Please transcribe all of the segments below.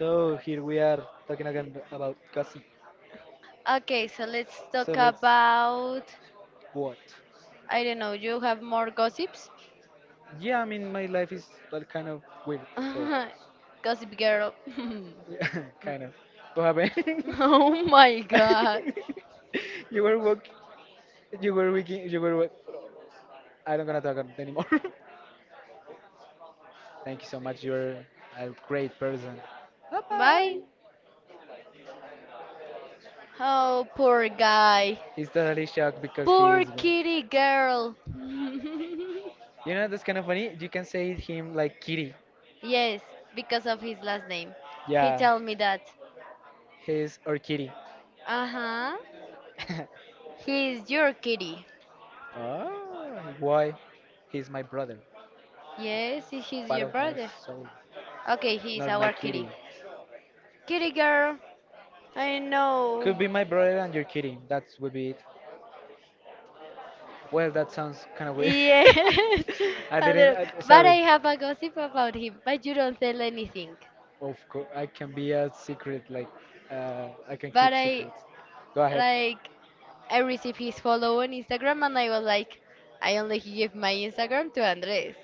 So here we are talking again about gossip. Okay, so let's talk So let's about. what? I don't know, you have more gossips? Yeah, I mean my life is well kind of weird. So Gossip girl. yeah, kind of. What happened? Oh my god. you were work. You were working. You were. I don't gonna talk about it anymore. Thank you so much. You're a great person. Bye bye. Bye. Oh, poor guy. He's totally shocked because he Poor is. kitty girl. You know that's kind of funny. You can say him like kitty. Yes, because of his last name. He Yeah, told me that. he's or kitty. Uh-huh. He is your kitty. Ah, why? He's my brother, Yes, he's part your of my brother. soul, Okay, he's not my our kitty. kitty. Kitty girl. I know. Could be my brother and your kitty. That would be it. Well, that sounds kind of weird. Yes, I a didn't. little. But I Sorry. have a gossip about him, but you don't tell anything. Of course, I can be a secret. Like, I can But keep I, secrets. Go ahead. like, I received his follow on Instagram, and I was like, I only give my Instagram to Andres.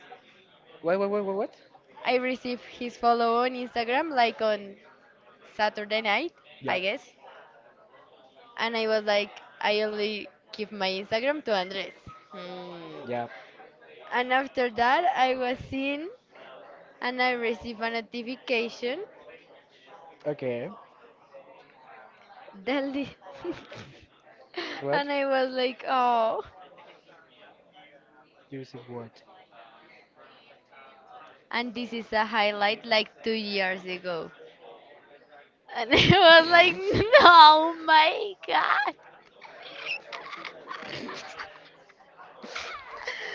Wait, wait, wait, wait, what? I received his follow on Instagram like on Saturday night, I Yep. guess, and I was like, I only give my Instagram to Andres. Hmm. Yep. And after that, I was in, and I received a notification Okay. Delhi. What? And I was like, oh. You receive what? And this is a highlight like 2 years ago. And I was like, no, my God.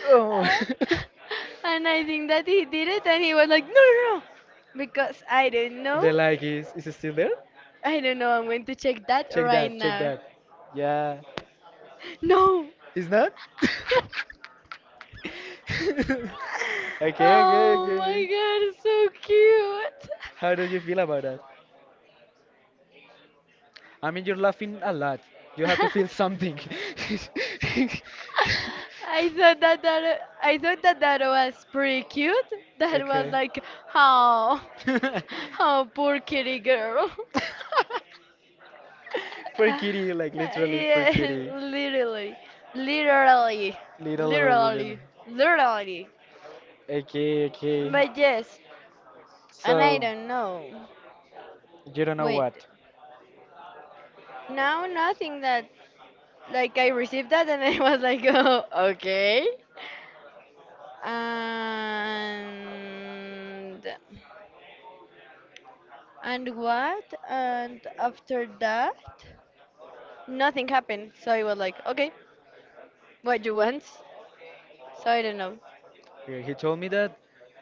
Oh. And I think that he did it, and he was like, no, no, no. Because I don't know. The like is it still there? I don't know. I'm going to check that Check right that, check now. that. Yeah. No. It's not? Okay, okay, Oh my okay. God, it's so cute. How did you feel about that? I mean, you're laughing a lot. You have to feel something. I thought that that was pretty cute. That was Okay. like, how, how poor kitty girl. Poor kitty, like literally poor Yeah, kitty. literally, literally, Little, little, little. literally, literally. Okay, okay. But yes, and I So, don't know. you don't know Wait, what? now nothing that, like, I received that and I was like, oh, okay. and and what and after that nothing happened, so I was like, okay, what you want? So I don't know. Yeah, he told me that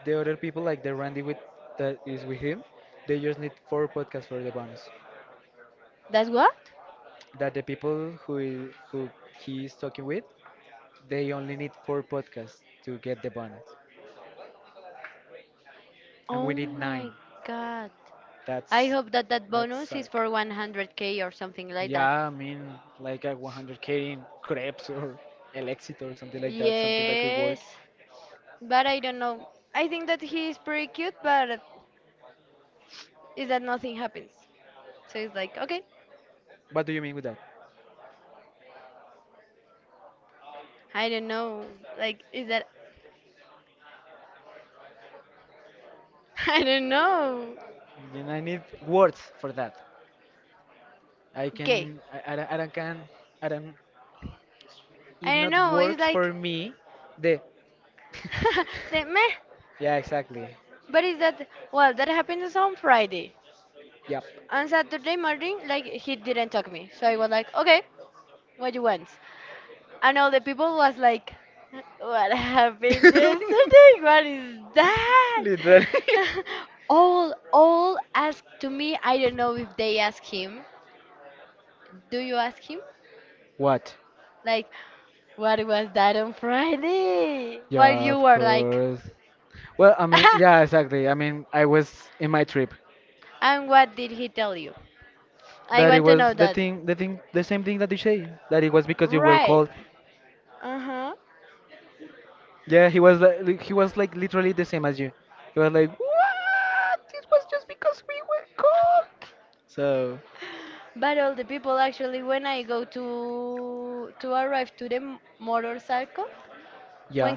the other people, like the Randy with that is with him, they just need four podcasts for the bonus. That's what. That the people who who he is talking with, they only need four podcasts to get the bonus, and Oh we need my nine. god, I That's hope that that bonus is suck. for 100k or something like that. Yeah, I mean, like a 100K in crepes or Elexit or something like that, something that could Yes, work. but I don't know. I think that he is pretty cute, but is that nothing happens, so it's like, okay. What do you mean with that? I don't know, like, is that I don't know. Then I need words for that. I Okay. can, I don't can, I don't, I it don't not know. It's works like for me, the the meh. yeah, exactly. But is that well? That happened is on Friday. Yep. On Saturday morning, like he didn't talk me, so I was like, okay, what you want? And all the people was like, what happened yesterday? What is that? Literally. All asked to me. I don't know if they ask him. Do you ask him? What? Like, what was that on Friday? While Yeah, you of were like, course. Well, I mean, yeah, exactly. I mean, I was in my trip. And what did he tell you? I That it want to know was that. The same thing that you say. That it was because you were Right. cold. Uh-huh. Yeah, he was like literally the same as you. He was like, what? This was just because we were cold. So. But all the people actually when I go to arrive to the motorcycle, when Yeah.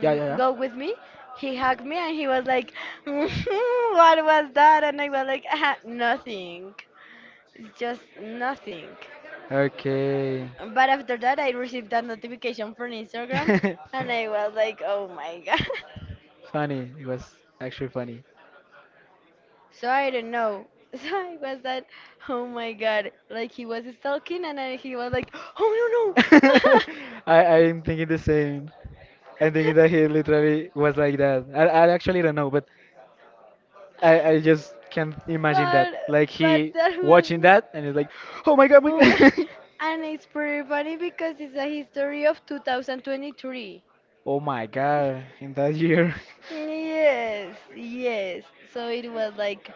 Yeah, yeah, yeah. go with me, he hugged me and he was like, "What was that?" And I was like, "Nothing. Just nothing." Okay. But after that, I received that notification from Instagram, and I was like, "Oh my god." Funny. It was actually funny. So I don't know. So I was that, oh my god, like he was stalking and then he was like, oh no no. I I'm thinking the same. I'm thinking that he literally was like that. I actually don't know, but I just can't imagine that. but Like but he that was watching that and he's like, "Oh my god, my oh my, God." and it's pretty funny because it's a history of 2023. Oh my god, in that year. Yes, yes. So it was like,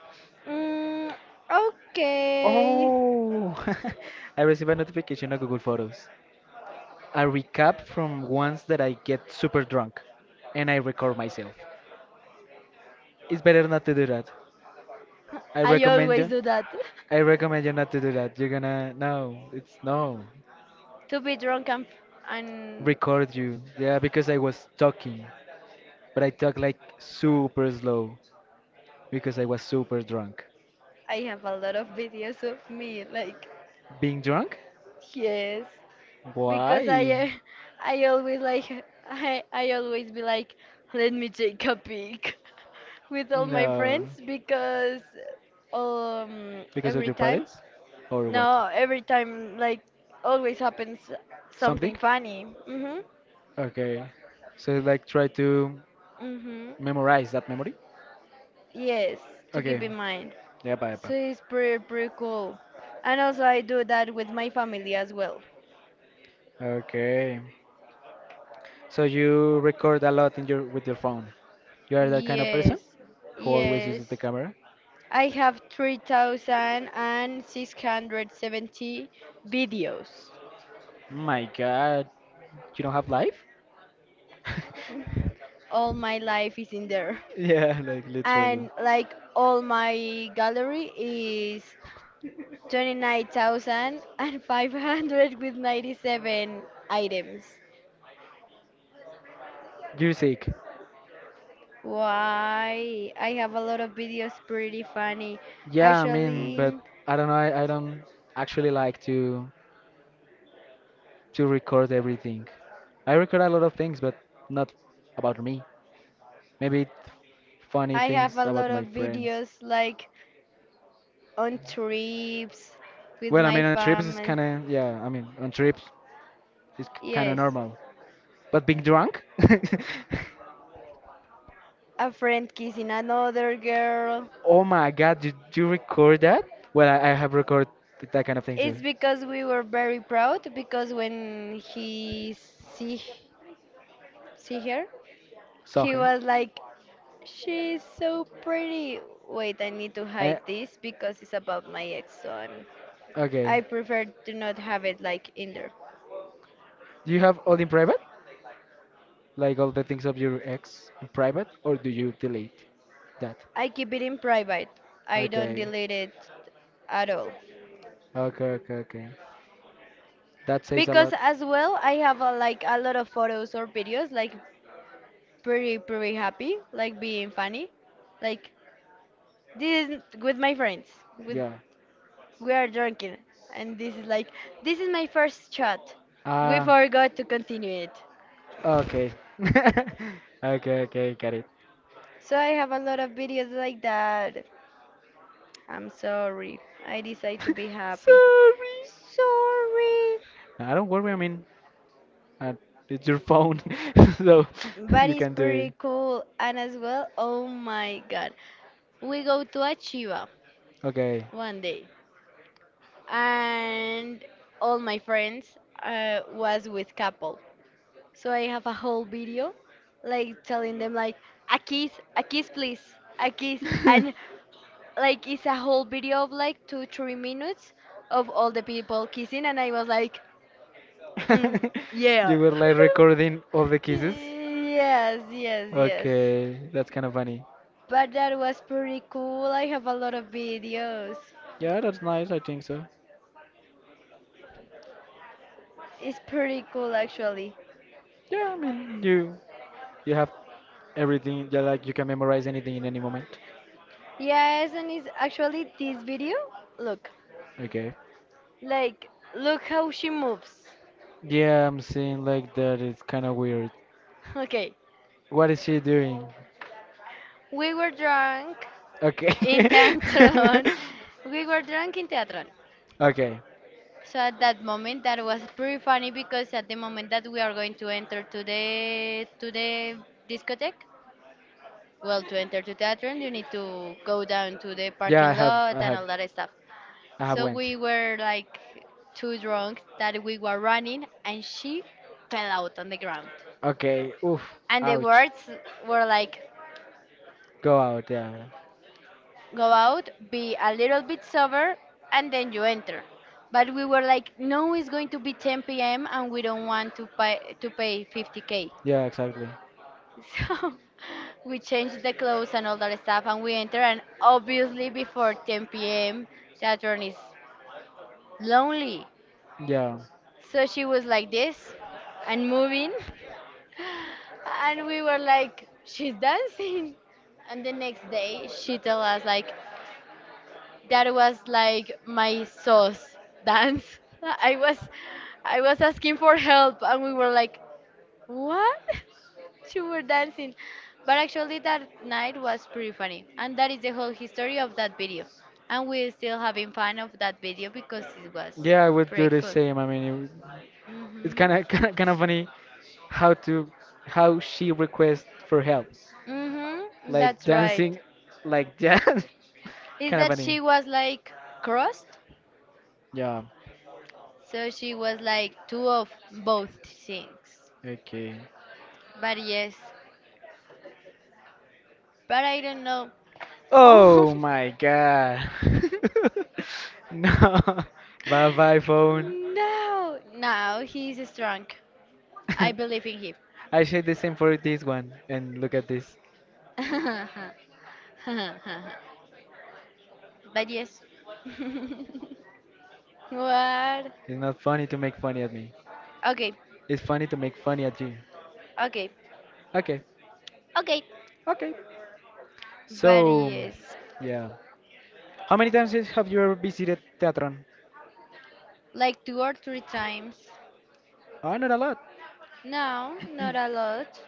mm, okay. Oh, I received a notification on Google Photos. A recap from once that I get super drunk and I record myself. It's better not to do that. I I recommend always you. do that. I recommend you not to do that. You're gonna, no, it's no. To be drunk and, and Record you. Yeah, because I was talking, but I talk like super slow because I was super drunk. I have a lot of videos of me like Being drunk? yes because I Why? I always be like let me take a peek with all my No. friends because Because of every your time, parents? Or what? no, every time, like, always happens Something? something funny. Mhm. Okay. So like try to Mhm. memorize that memory? Yes, to Okay. keep in mind, Yep, so yep. it's pretty pretty cool. And also I do that with my family as well. Okay. So you record a lot in your with your phone. You are that kind of person Yes. who always Yes. uses the camera? I have 3,670 videos. My God. You don't have life? All my life is in there. Yeah, like literally. And like all my gallery is 29,500 with 97 items. You're sick. Why? I have a lot of videos pretty funny. Yeah, I mean, but Actually, I don't know. I don't actually like to record everything. I record a lot of things, but not about me. Maybe funny I have things a about lot my of friends. videos like on trips with Well, I my mean, on trips it's family. kind of yeah. I mean, on trips it's kind of Yes. normal. But being drunk? A friend kissing another girl. Oh my God! Did you record that? Well, I have recorded that kind of thing too. It's because we were very proud because when he see see her, Saw he her. was like, "She's so pretty." Wait, I need to hide Eh, this because it's about my ex, so I okay. prefer to not have it like in there. Do you have all in private? Like all the things of your ex in private, or do you delete that? I keep it in private. I don't Okay. delete it at all Okay. Okay. Okay. That says a because lot. as well I have like a lot of photos or videos like pretty pretty happy like being funny like this is with my friends. With Yeah. we are drinking, and this is my first shot. We Ah, forgot to continue it. okay. Okay, okay, got it. So I have a lot of videos like that. I'm sorry. I decide to be happy. Sorry. Sorry. No, I don't worry, I mean, uh, it's your phone, so But you it's can do it. pretty cool. And as well, oh my god. We go to Achiva Okay. one day. And all my friends was with couple. So I have a whole video like telling them like a kiss please, a kiss and like it's a whole video of like two, 3 minutes of all the people kissing and I was like, mm, yeah. You were like recording all the kisses? Yes, yes, yes. Okay, that's kind of funny. But that was pretty cool. I have a lot of videos. Yeah, that's nice, I think so. It's pretty cool actually. Yeah, I mean, you have everything, yeah, like you can memorize anything in any moment. Yes, and it's actually this video. Look, Okay. like, look how she moves. Yeah, I'm seeing like that. It's kind of weird. Okay, What is she doing? we were drunk Okay. in Teatron. We were drunk in Teatron. Okay. So at that moment, that was pretty funny because at the moment that we are going to enter to the discotheque, well, to enter to Teatron, you need to go down to the Yeah, parking lot and all that stuff. I have So went. we were like too drunk that we were running, and she fell out on the ground. Okay. Oof. And the Ouch. words were like Go out. Yeah. go out, be a little bit sober, and then you enter. But we were like, no, it's going to be 10 p.m. and we don't want to pay 50k. Yeah. Exactly. So we changed the clothes and all that stuff, and we enter. And obviously, before 10 p.m., Saturn is lonely. Yeah. So she was like this and moving, and we were like, she's dancing. And the next day, she told us like, that was like my sauce dance. I was I was asking for help and we were like, what? You were dancing. But actually that night was pretty funny. And that is the whole history of that video. And we're still having fun of that video because it was Yeah, I would do pretty the cool. same. I mean, It's Mhm. kind of funny how to how she requests for help, Mhm. like That's right. dancing like that. Is Kind of that funny. she was like crossed? Yeah. So she was like two of both things. Okay. But yes, but I don't know. Oh, Oh my god. No. Bye bye phone. no, no, he's strong. I believe in him. I said the same for this one and look at this. But yes. What? It's not funny to make funny at me. Okay, It's funny to make funny at you. okay, Okay. okay. Okay. But So yes, yeah. How many times have you ever visited Teatron? like two or three times. Oh, not a lot. No, not a lot.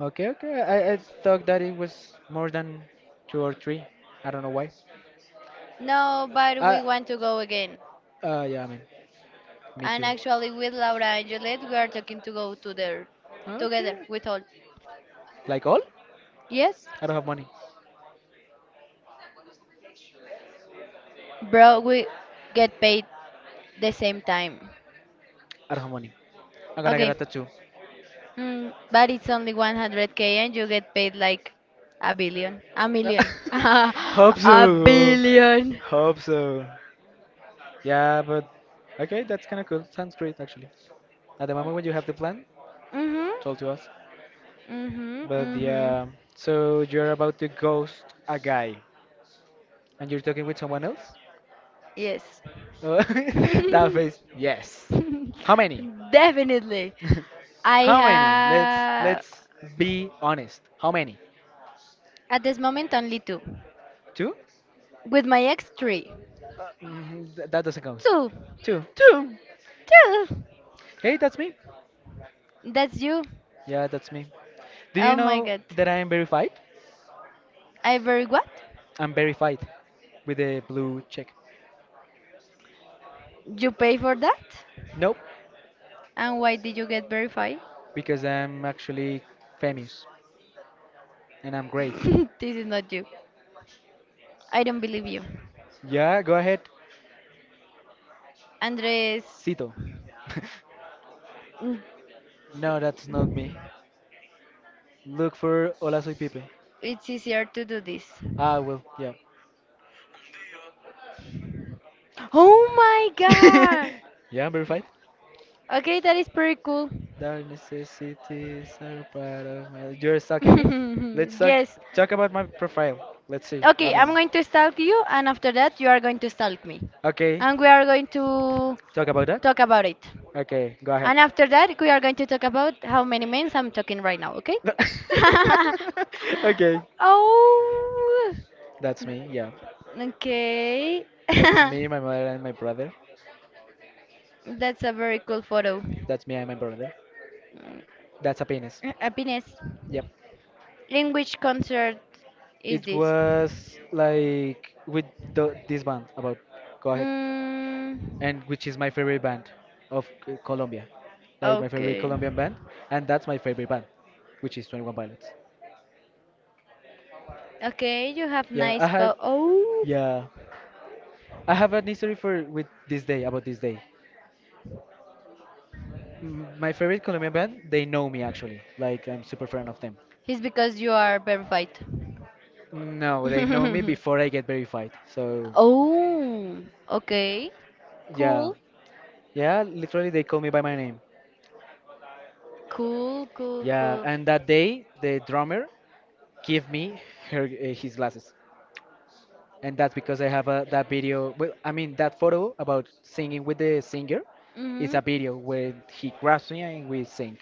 Okay, okay. I thought that it was more than two or three. I don't know why. No, but Uh, we want to go again. yeah, I mean, me And too. actually, with Laura and Juliet, we are talking to go to there together Okay. with all. Like all? Yes? I don't have money. Bro, we get paid the same time. I don't have money. I'm gonna get Okay, a tattoo. But it's only 100k and you get paid like a billion, a million. Hope A so. billion. Hope so. Yeah, but okay, that's kind of cool. Sounds great, actually. At the moment when you have the plan, Mhm. told to us. Mhm. But Mhm. yeah, so you're about to ghost a guy. And you're talking with someone else? Yes. Oh, that face. Yes. How many? Definitely. I How many? Let's have let's be honest. How many? at this moment only two. Two? With my ex, three. That doesn't count. Two. Two. Two. Two. Hey, that's me. That's you. Yeah, that's me. Do Oh you my know god. that I am verified? I very what? I'm verified with a blue check. You pay for that? Nope, And why did you get verified? because I'm actually famous and I'm great. This is not you. I don't believe you. Yeah, go ahead. Andres, Cito. mm, No, that's not me. Look for Hola Soy Pipe. it's easier to do this. Ah, well, yeah. Oh my god! Yeah, I'm verified. Okay, that is pretty cool. Dark necessities are part of my. You're sucking. Let's talk, Yes. talk about my profile. Let's see. I Okay, I'm mean, going to stalk you, and after that, you are going to stalk me. okay. And we are going to Talk about talk that? about it. Okay, go ahead. And after that, we are going to talk about how many men I'm talking right now, okay? Okay, Oh! that's me, yeah. Okay. It's me, my mother, and my brother. That's a very cool photo. That's me and my brother. That's a penis. Happiness. Yep. In which concert is It this? was like with this band. About. Go ahead. Mm, And which is my favorite band of Colombia, like my favorite okay. Colombian band, and that's my favorite band, which is Twenty One Pilots. Okay, you have Yeah, nice po- Oh, yeah, I have an history for with this day about this day. Mm, my favorite Colombian band, they know me actually, like I'm super fan of them. it's because you are verified. No, they know me before I get verified. So Oh, okay. yeah, Cool. yeah, literally they call me by my name. Cool, cool, Yeah, cool. and that day the drummer gave me her his glasses. And that's because I have that video. Well, I mean that photo about singing with the singer. Is Hmm. a video where he grabs me and we sing.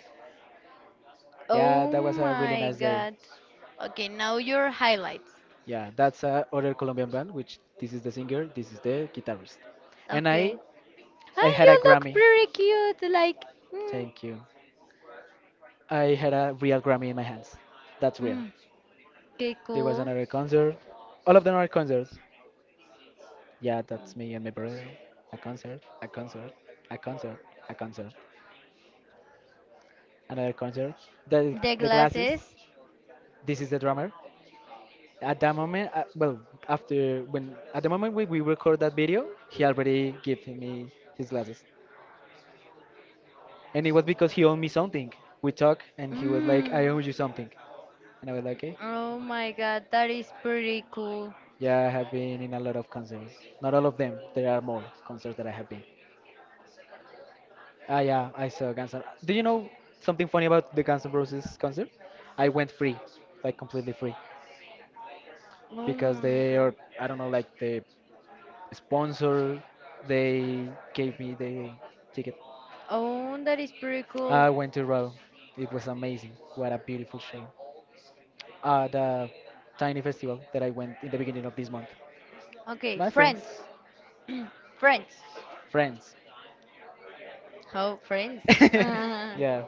Yeah, Oh that was a really my nice day. god. Okay, now your highlights. Yeah, that's a other Colombian band, which this is the singer, this is the guitarist, and Okay. I Ah, had a you look Grammy. pretty cute. Like, mm, Thank you. I had a real Grammy in my hands. That's real. mm, okay, There was cool. another concert. All of them are concerts. Yeah, that's me and my brother. A concert, a concert, a concert, a concert. Another concert. The The the glasses. glasses. This is the drummer. At that moment, well, after when at the moment we record that video, he already gave me his glasses, and it was because he owed me something. We talk, and he was like, Mm, "I owe you something," and I was like, "Okay." oh my god, that is pretty cool. Yeah, I have been in a lot of concerts. Not all of them. There are more concerts that I have been. Ah, yeah, I saw Guns N'. Do you know something funny about the Guns N' Roses concert? I went free, like completely free, Oh because my they god. are I don't know like the sponsor. They gave me the ticket. Oh, that is pretty cool. I went to Raw. It was amazing. What a beautiful show. At a tiny festival that I went in the beginning of this month. Okay, My friends, friends. Friends. friends. Oh, friends. Yeah,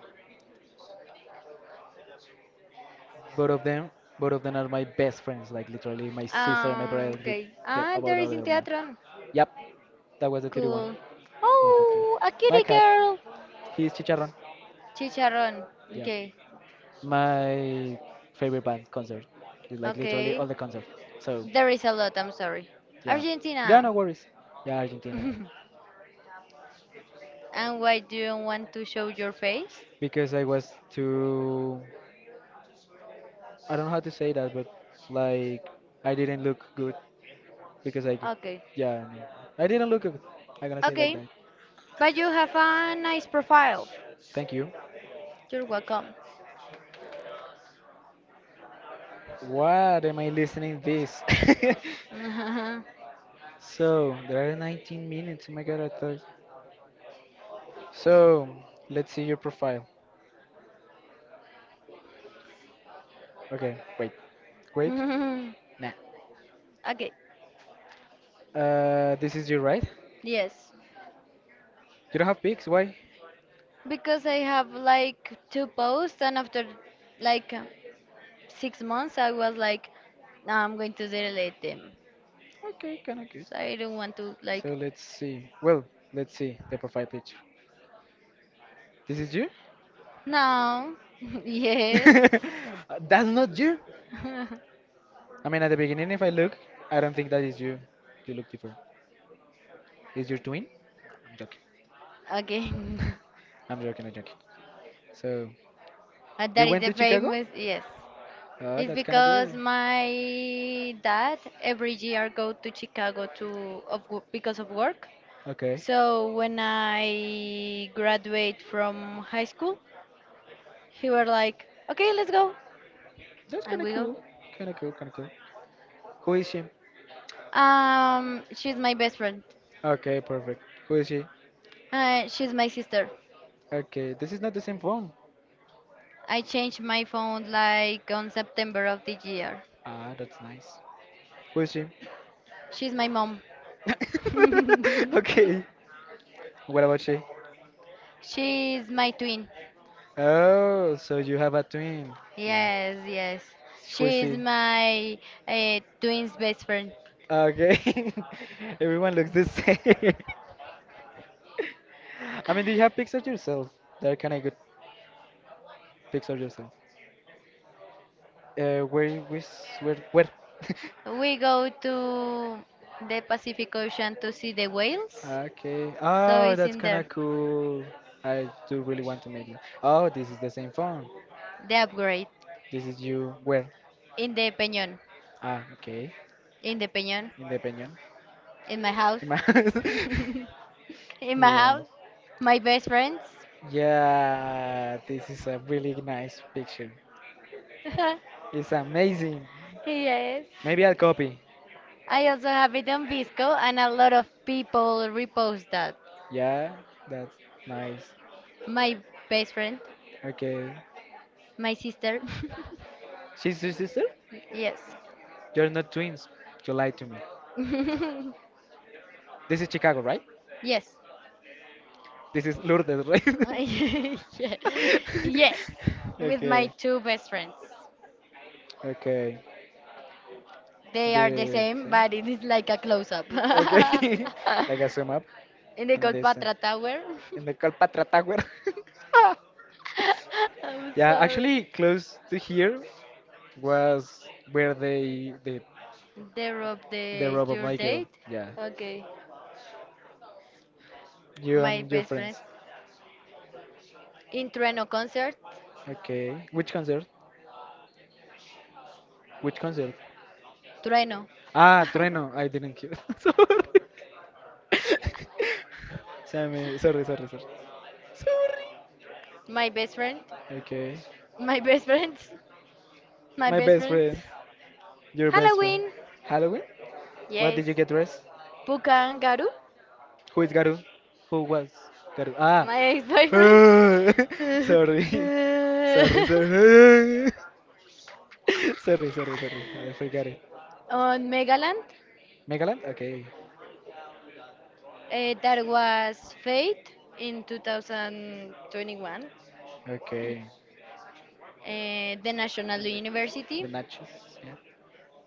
both of them, both of them are my best friends. Like literally, my sister and my brother with Okay. the Ah, about there the is in other one. Teatron. Yep, that was the 31st. Cool. Oh, a My cutie cat, girl. he's Chicharron. Chicharrón. Yeah, Okay, my favorite band concert. It's like literally okay. all the concert. So. There is a lot, I'm sorry. Yeah. Yeah, Argentina. no worries. Yeah, Argentina. And why do you want to show your face? Because I was too. I don't know how to say that, but like I didn't look good because I. could- Okay. Yeah, no. I didn't look good. I'm gonna say it like Okay. that. But you have a nice profile. Thank you. You're welcome. What am I listening this? So there are 19 minutes. Oh my god, I thought. So let's see your profile. Okay, wait, wait. Nah. Okay. This is you, right? Yes. You don't have pics. Why? Because I have like two posts and after like 6 months I was like, no, I'm going to delete them. Okay, kind of good. So I don't want to like, So let's see. Well, let's see the profile picture. This is you? no. Yes. That's not you. I mean, at the beginning, if I look, I don't think that is you. You look different. Is your twin? I'm joking. Okay. I'm joking. I'm joking. So, That you is went a to Chicago? famous, yes. Oh, It's that's kind of because good. my dad every year go to Chicago because of work. Okay, So when I graduate from high school, he were like, "Okay, let's go," that's and kind of we go. cool. Kind of cool. Kind of cool. Who is she? She's my best friend. Okay, perfect. Who is she? She's my sister. Okay, this is not the same phone. I changed my phone like on September of this year. Ah, that's nice. Who is she? She's my mom. Okay. What about she? She's my twin. Oh, so you have a twin. Yeah. Yes, yes. Yes. Who is She is my twin's best friend. okay. Everyone looks the same. I mean, do you have pictures yourself? There can I get pictures yourself? Where, which, where, where? The We go to the Pacific Ocean to see the whales. okay. So Oh, it's that's in kind there. of cool. I do really want to meet you. Oh, this is the same phone. The upgrade This is you. Where? in the Peñon. Ah, okay. In the Peñon. In the In my house. in my house. In my Yeah. house. My best friends. Yeah, this is a really nice picture. It's amazing. Yes. Maybe I'll copy. I also have it on Visco, and a lot of people repost that. Yeah, that's nice. My best friend, Okay. my sister. She's your sister? Yes. You're not twins. You lied to me. This is Chicago, right? Yes. This is Lourdes, right? Yeah. Yes, with my okay. two best friends. Okay. The They are the same, but it is same. like a close up. Okay. Like a zoom up In the in the sen- Colpatra Tower. Tower. In the Kalpatra Tower. I'm Yeah, sorry. actually close to here was where they They of the the robot your Michael. date. Staircase. Yeah. Okay. You My and your best friends. friends. In Trueno concert. Okay. Which concert? Which concert? Trueno. Ah, Trueno. I didn't hear. Sorry. Sorry, sorry, sorry. Sorry. My best friend. Okay. My best friends. My My best best friends. friend. Friends. Your best friend. Halloween. Halloween. Halloween? What Yes. did you get dressed? Pukangaroo, Who is Garu? Who was Garu? Ah. my ex-boyfriend. Boyfriend. Sorry. Sorry, sorry. Sorry, sorry, sorry. I forgot it. On Megaland, Megaland? Okay. That was Fate in 2021. Okay. The National The University, Nachos, yeah.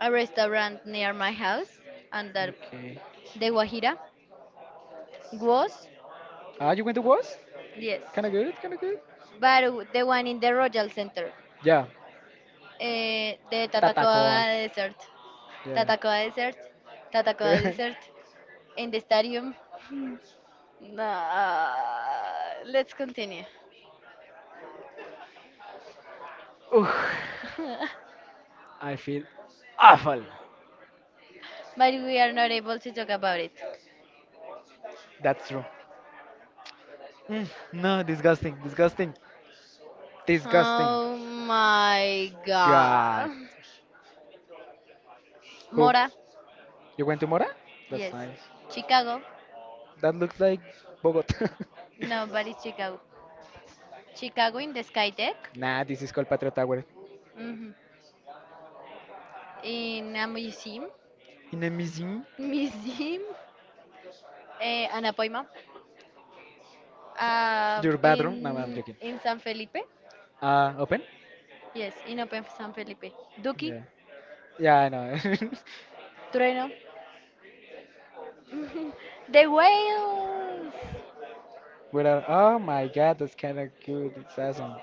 a restaurant near my house, under the, Okay. the Guajira was, Ah, you went to was? yes. Kinda good, kinda good. But the one in the Royal Center, Yeah. The Tatacoa. Tatacoa Desert. Yeah. Tatacoa Desert, Tatacoa Desert, in the stadium. Nah, let's continue. Ugh, I feel awful. But we are not able to talk about it. That's true. Mm, no, disgusting, disgusting, disgusting. Oh my God. god. Who? Mora? You went to Mora? Yeah. That's Yes. nice. Chicago? That looks like Bogota. No, but it's Chicago. Chicago in the Skytech? Nah, this is called Patria Tower. hmm In a museum? In a museum? Museum? Eh, an appointment? Your bathroom? No, I'm in, joking. in San Felipe? Open? Yes, in Open San Felipe. Duki? Yeah. Yeah, I know. Trueno? The whales! Without, oh my god, that's kind of good. It's awesome.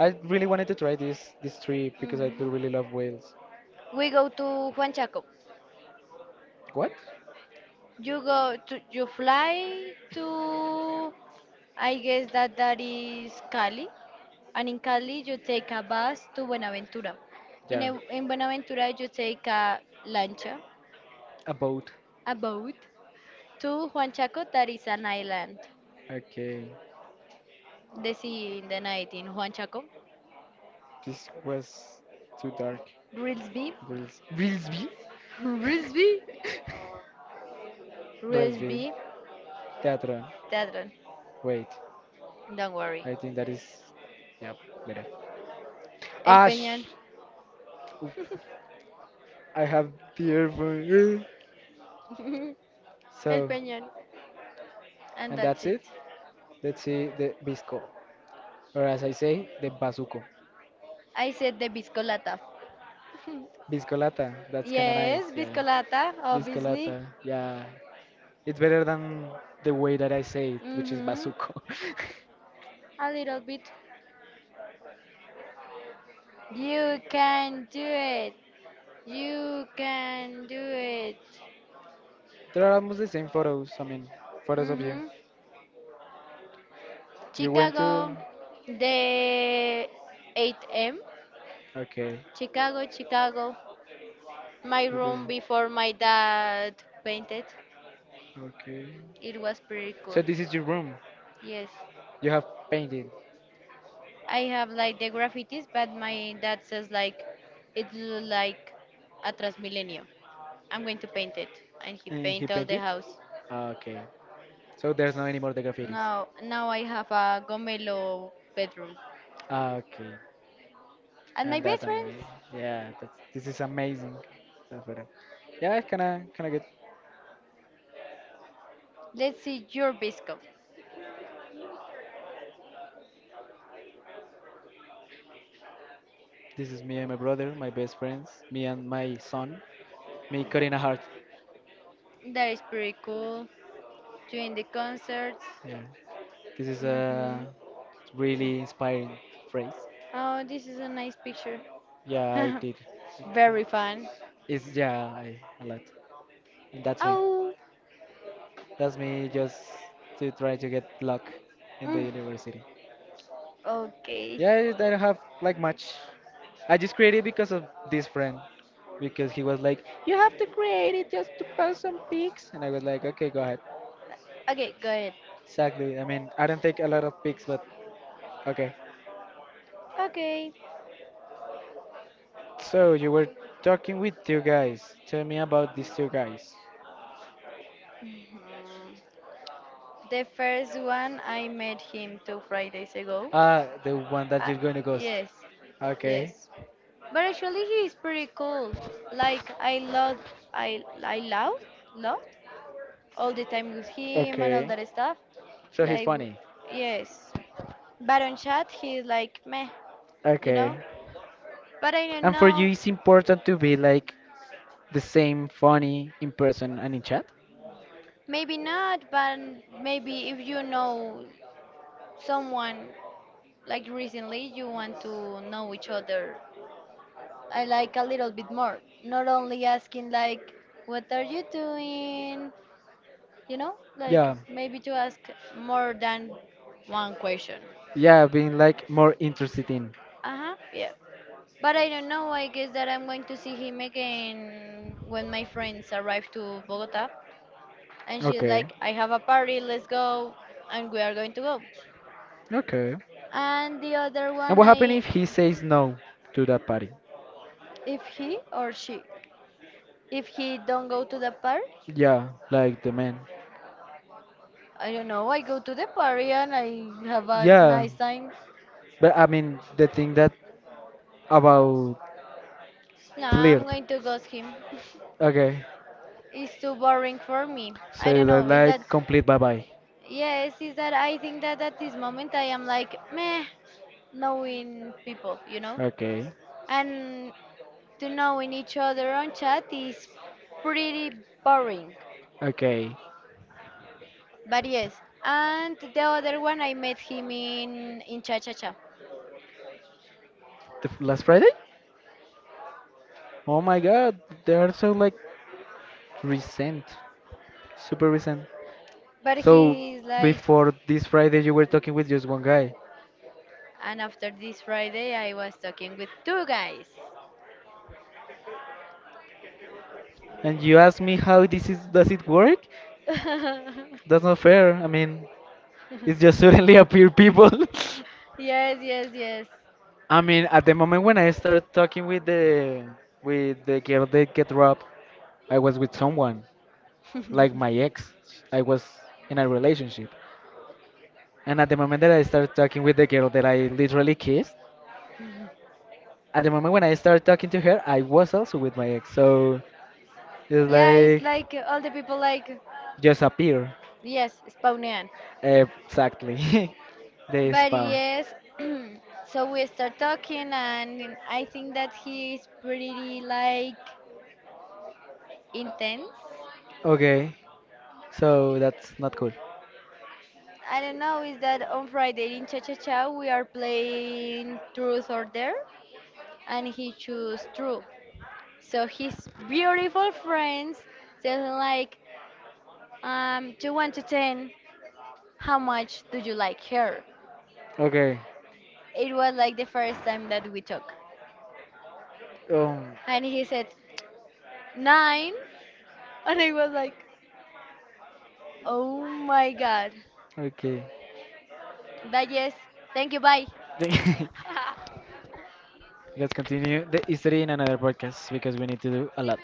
I really wanted to try this trip because I do Mhm. really love whales. We go to Huanchaco. What? You go to you fly to I guess that that is Cali, and in Cali you take a bus to Buenaventura. In Yeah, a, in Buenaventura you take a lancha, a boat. a boat to Huanchaco. That is an island. Okay, The sea in the night in Huanchaco. this was too dark. Risby, Reels, Reelsby? Risby, Reelsby. Risby. Teatron. That one. Wait, Don't worry. no, I think that is, yeah, better. El Ash! Peñón. I have the earphone. El So, Peñón. And that's that's it. it. It. Let's see the Bisco, or as I say, the Bazuco. I said the biscolata. Biscolata, that's kind of nice. Yes, Yeah, biscolata, obviously. biscolata. Yeah, it's better than the way that I say it, which is Mm-hmm. bazuco. A little bit. You can do it. You can do it. There are almost the same photos. I mean, photos of you. Mm-hmm. You went to. Chicago, the 8M. Okay. Chicago, Chicago. My Okay. room before my Okay. dad painted. Okay. It was pretty cool. So this is your room. Yes, You have painted. I have like the graffitis, but my dad says like it look like a Transmilenio. I'm going to paint it. And he And he paint all the painted. house. Ah, okay. So there's no anymore the graffitis. Now I have a gomelo bedroom. Ah, okay. And my And that best friends, amazing. Yeah, that's this is amazing. That's what I- yeah, it's kinda kinda good. let's see your bisco. This is me and my brother, my best friends, me and my son. Me cutting a heart. That is pretty cool. Doing the concerts. Yeah. This is Mm-hmm. a really inspiring phrase. Oh, this is a nice picture. Yeah, I did. Very fun. It's yeah, I a lot. And that's me. Oh. That's me just to try to get luck in the Mm, university. okay. Yeah, I don't have like much. I just created because of this friend, because he was like, "You have to create it just to post some pics," and I was like, "Okay, go ahead." Okay, got it. Exactly. I mean, I don't take a lot of pics, but okay. Okay. So you were talking with two guys. Tell me about these two guys. Hmm. The first one I met him two Fridays ago. Ah, the one that Uh, you're going to ghost. yes. Okay. Yes. But actually, he is pretty cool. Like I love, I love, love all the time with him and all Okay. that stuff. So he's Like, funny. yes. But on chat, he's like meh, you Okay. know. But I don't And for you, know. it's important to be like the same funny in person and in chat. Maybe not. But maybe if you know someone like recently, you want to know each other. I like a little bit more. Not only asking like, what are you doing? You know, like Yeah. maybe to ask more than one question. Yeah, being like more interested in. Uh huh, yeah. But I don't know, I guess that I'm going to see him again when my friends arrive to Bogota. And she's Okay. like, I have a party, let's go. And we are going to go. Okay. And the other And one, what happened I, if he says no to that party? if he or she, if he don't go to the party, Yeah, like the man. I don't know, I go to the party and I have a Yeah. nice time. But I mean, the thing that about No, I'm flirt. going to ghost him. Okay. It's too boring for me. I don't So that know. Is that like complete bye bye. Yes, is that I think that at this moment I am like meh knowing people, you know? Okay. And to knowing each other on chat is pretty boring. Okay. But yes, and the other one I met him in Cha Cha Cha. The f- last Friday? Oh my god, they are so like recent, super recent. But So he's like before this Friday, you were talking with just one guy, and after this Friday I was talking with two guys. and you asked me how this is. Does it work? That's not fair. I mean, it's just suddenly appear people. Yes, yes, yes. I mean, at the moment when I started talking with the girl that get robbed, I was with someone like my ex. I was in a relationship, and at the moment that I started talking with the girl that I literally kissed, at the moment when I started talking to her, I was also with my ex. So it's Yeah, it's like like all the people like just appear. yes, Spawnian. Exactly. They But spawn. yes, so we start talking, and I think that he is pretty like intense. Okay. So that's not cool. I don't know, is that on Friday in Cha Cha Cha we are playing Truth or Dare, and he chose Truth. So his beautiful friends tell him like, to 1 to 10, how much do you like her? Okay. It was like the first time that we talk, Um. and he said 9, and I was like, oh my god. Okay. Bye, yes. Thank you. Bye. Let's continue the history in another podcast because we need to do a lot.